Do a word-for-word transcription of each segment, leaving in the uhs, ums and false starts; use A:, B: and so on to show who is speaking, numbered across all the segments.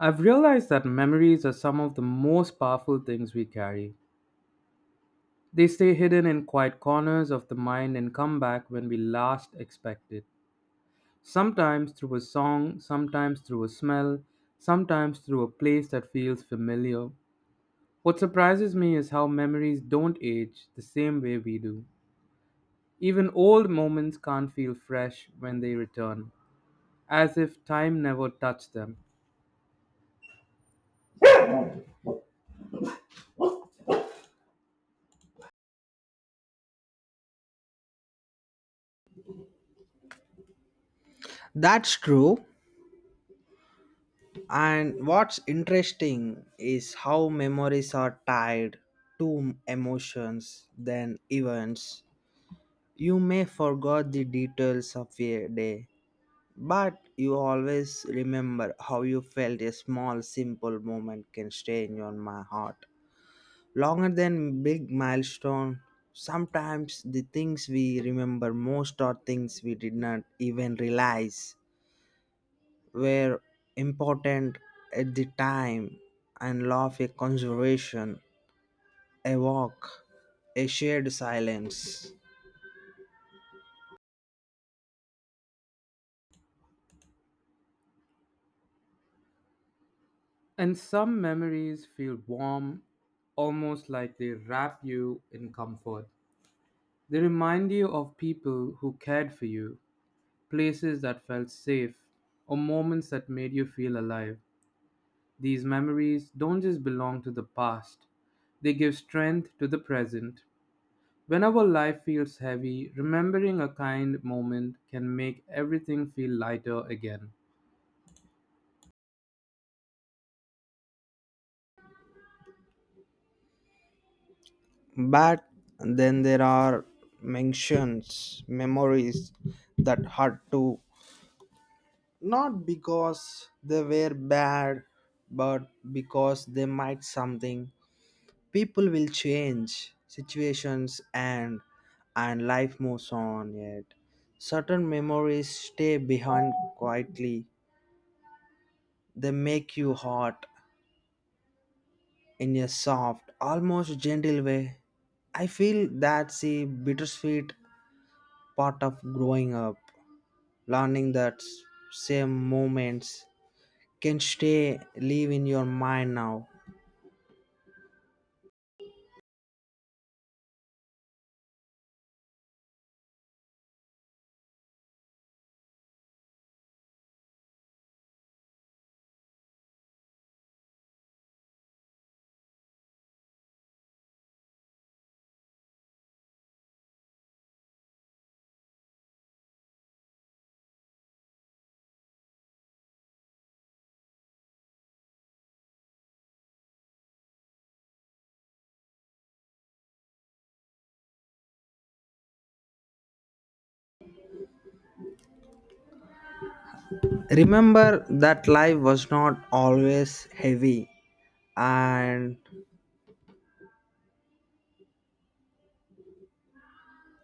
A: I've realized that memories are some of the most powerful things we carry. They stay hidden in quiet corners of the mind and come back when we last expect it. Sometimes through a song, sometimes through a smell, sometimes through a place that feels familiar. What surprises me is how memories don't age the same way we do. Even old moments can't feel fresh when they return, as if time never touched them.
B: That's true. And what's interesting is how memories are tied to emotions than events. You may forget the details of a day, but you always remember how you felt a small, simple moment can stay in your my heart. Longer than big milestone, sometimes the things we remember most are things we did not even realize were important at the time and love a conservation, a walk, a shared silence.
A: And some memories feel warm, almost like they wrap you in comfort. They remind you of people who cared for you, places that felt safe, or moments that made you feel alive. These memories don't just belong to the past, they give strength to the present. Whenever life feels heavy, remembering a kind moment can make everything feel lighter again.
B: But then there are mentions, memories that hurt too. Not because they were bad, but because they might something. People will change situations and and life moves on yet. Certain memories stay behind quietly. They make you hot in a soft, almost gentle way. I feel that's the bittersweet part of growing up, learning that s- same moments can stay live in your mind now. Remember that life was not always heavy and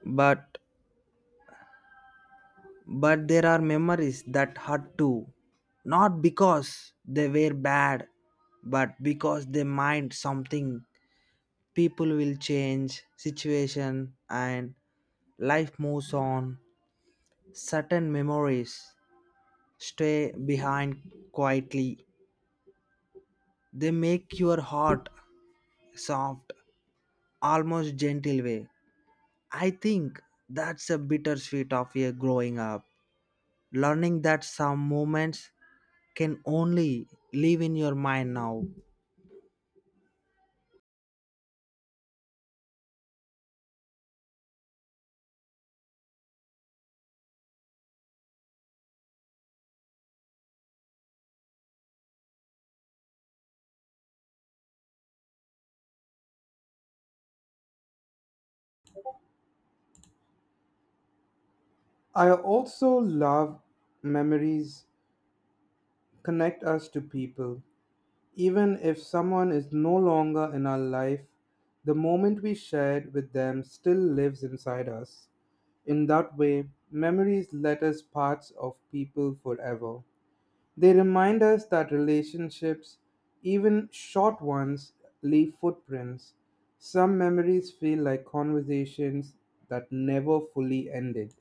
B: but but there are memories that hurt too. Not because they were bad, but because they mind something. People will change situation and life moves on. Certain memories stay behind quietly. They make your heart soft, almost gentle way. I think that's a bittersweet of a growing up, learning that some moments can only live in your mind now.
A: I also love memories connect us to people. Even if someone is no longer in our life, the moment we shared with them still lives inside us. In that way, memories let us parts of people forever. They remind us that relationships, even short ones, leave footprints. Some memories feel like conversations that never fully ended.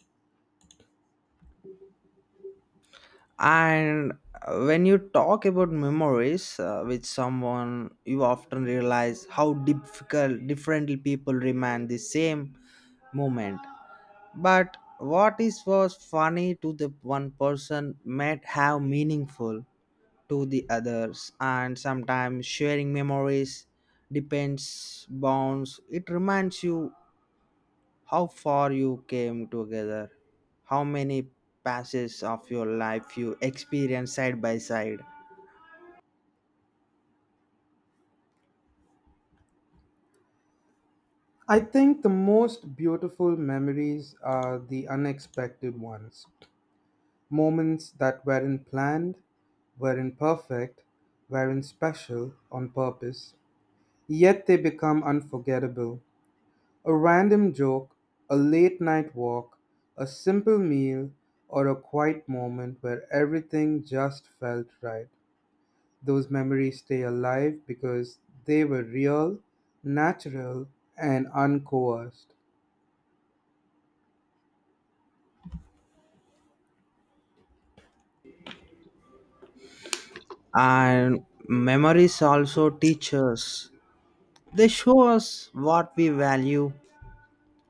B: And uh, when you talk about memories uh, with someone, you often realize how difficult differently people remember the same moment. But what is was funny to the one person might have meaningful to the others, and sometimes sharing memories depends bonds. It reminds you how far you came together, how many passes of your life you experienced side by side.
A: I think the most beautiful memories are the unexpected ones. Moments that weren't planned, weren't perfect, weren't special on purpose, yet they become unforgettable. A random joke, a late night walk, a simple meal, or a quiet moment where everything just felt right. Those memories stay alive because they were real, natural, and uncoerced.
B: And memories also teach us, they show us what we value,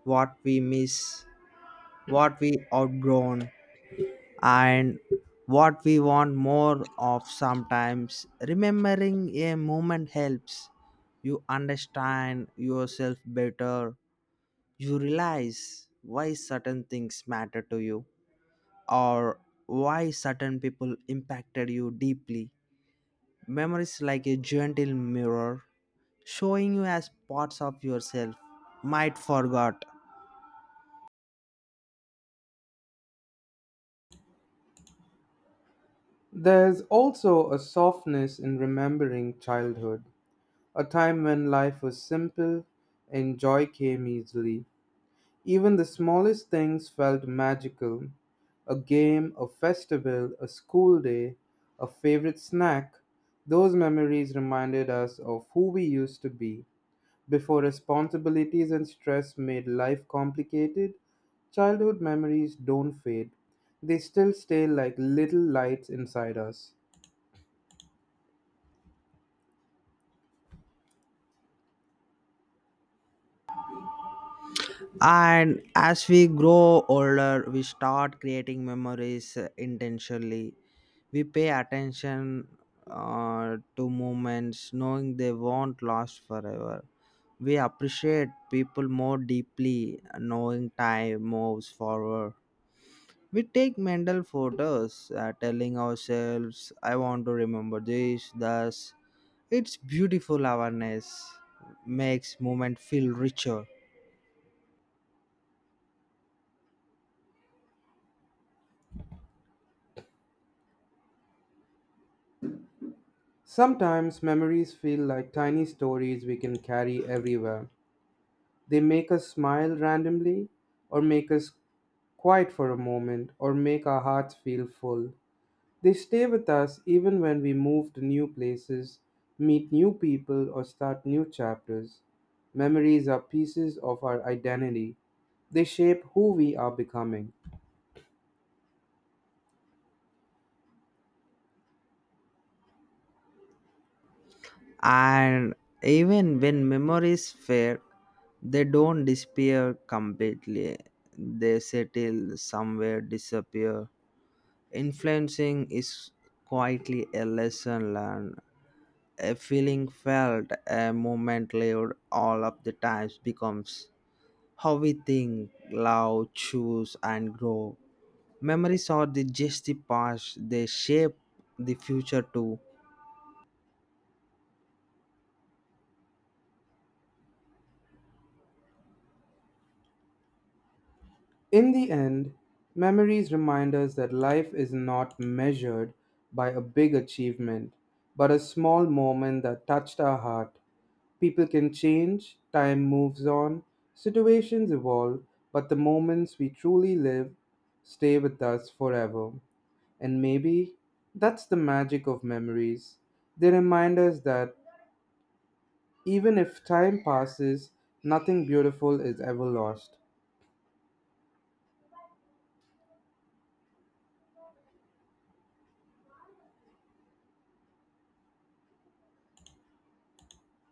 B: what we miss, what we outgrown, and what we want more of sometimes. Remembering a moment helps you understand yourself better. You realize why certain things matter to you or why certain people impacted you deeply. Memories like a gentle mirror showing you as parts of yourself might forgot.
A: There's also a softness in remembering childhood. A time when life was simple and joy came easily. Even the smallest things felt magical. A game, a festival, a school day, a favorite snack. Those memories reminded us of who we used to be. Before responsibilities and stress made life complicated, childhood memories don't fade. They still stay like little lights inside us.
B: And as we grow older we start creating memories uh, intentionally. We pay attention uh, to moments knowing they won't last forever. We appreciate people more deeply knowing time moves forward. We take mental photos, uh, telling ourselves, I want to remember this, thus. It's beautiful awareness, makes moment feel richer.
A: Sometimes memories feel like tiny stories we can carry everywhere. They make us smile randomly, or make us quiet for a moment, or make our hearts feel full. They stay with us even when we move to new places, meet new people, or start new chapters. Memories are pieces of our identity. They shape who we are becoming.
B: And even when memories fade, they don't disappear completely. They settle somewhere, disappear. Influencing is quietly a lesson learned. A feeling felt, a moment lived, all of the times becomes how we think, love, choose, and grow. Memories are the just the past, they shape the future too.
A: In the end, memories remind us that life is not measured by a big achievement, but a small moment that touched our heart. People can change, time moves on, situations evolve, but the moments we truly live stay with us forever. And maybe that's the magic of memories. They remind us that even if time passes, nothing beautiful is ever lost.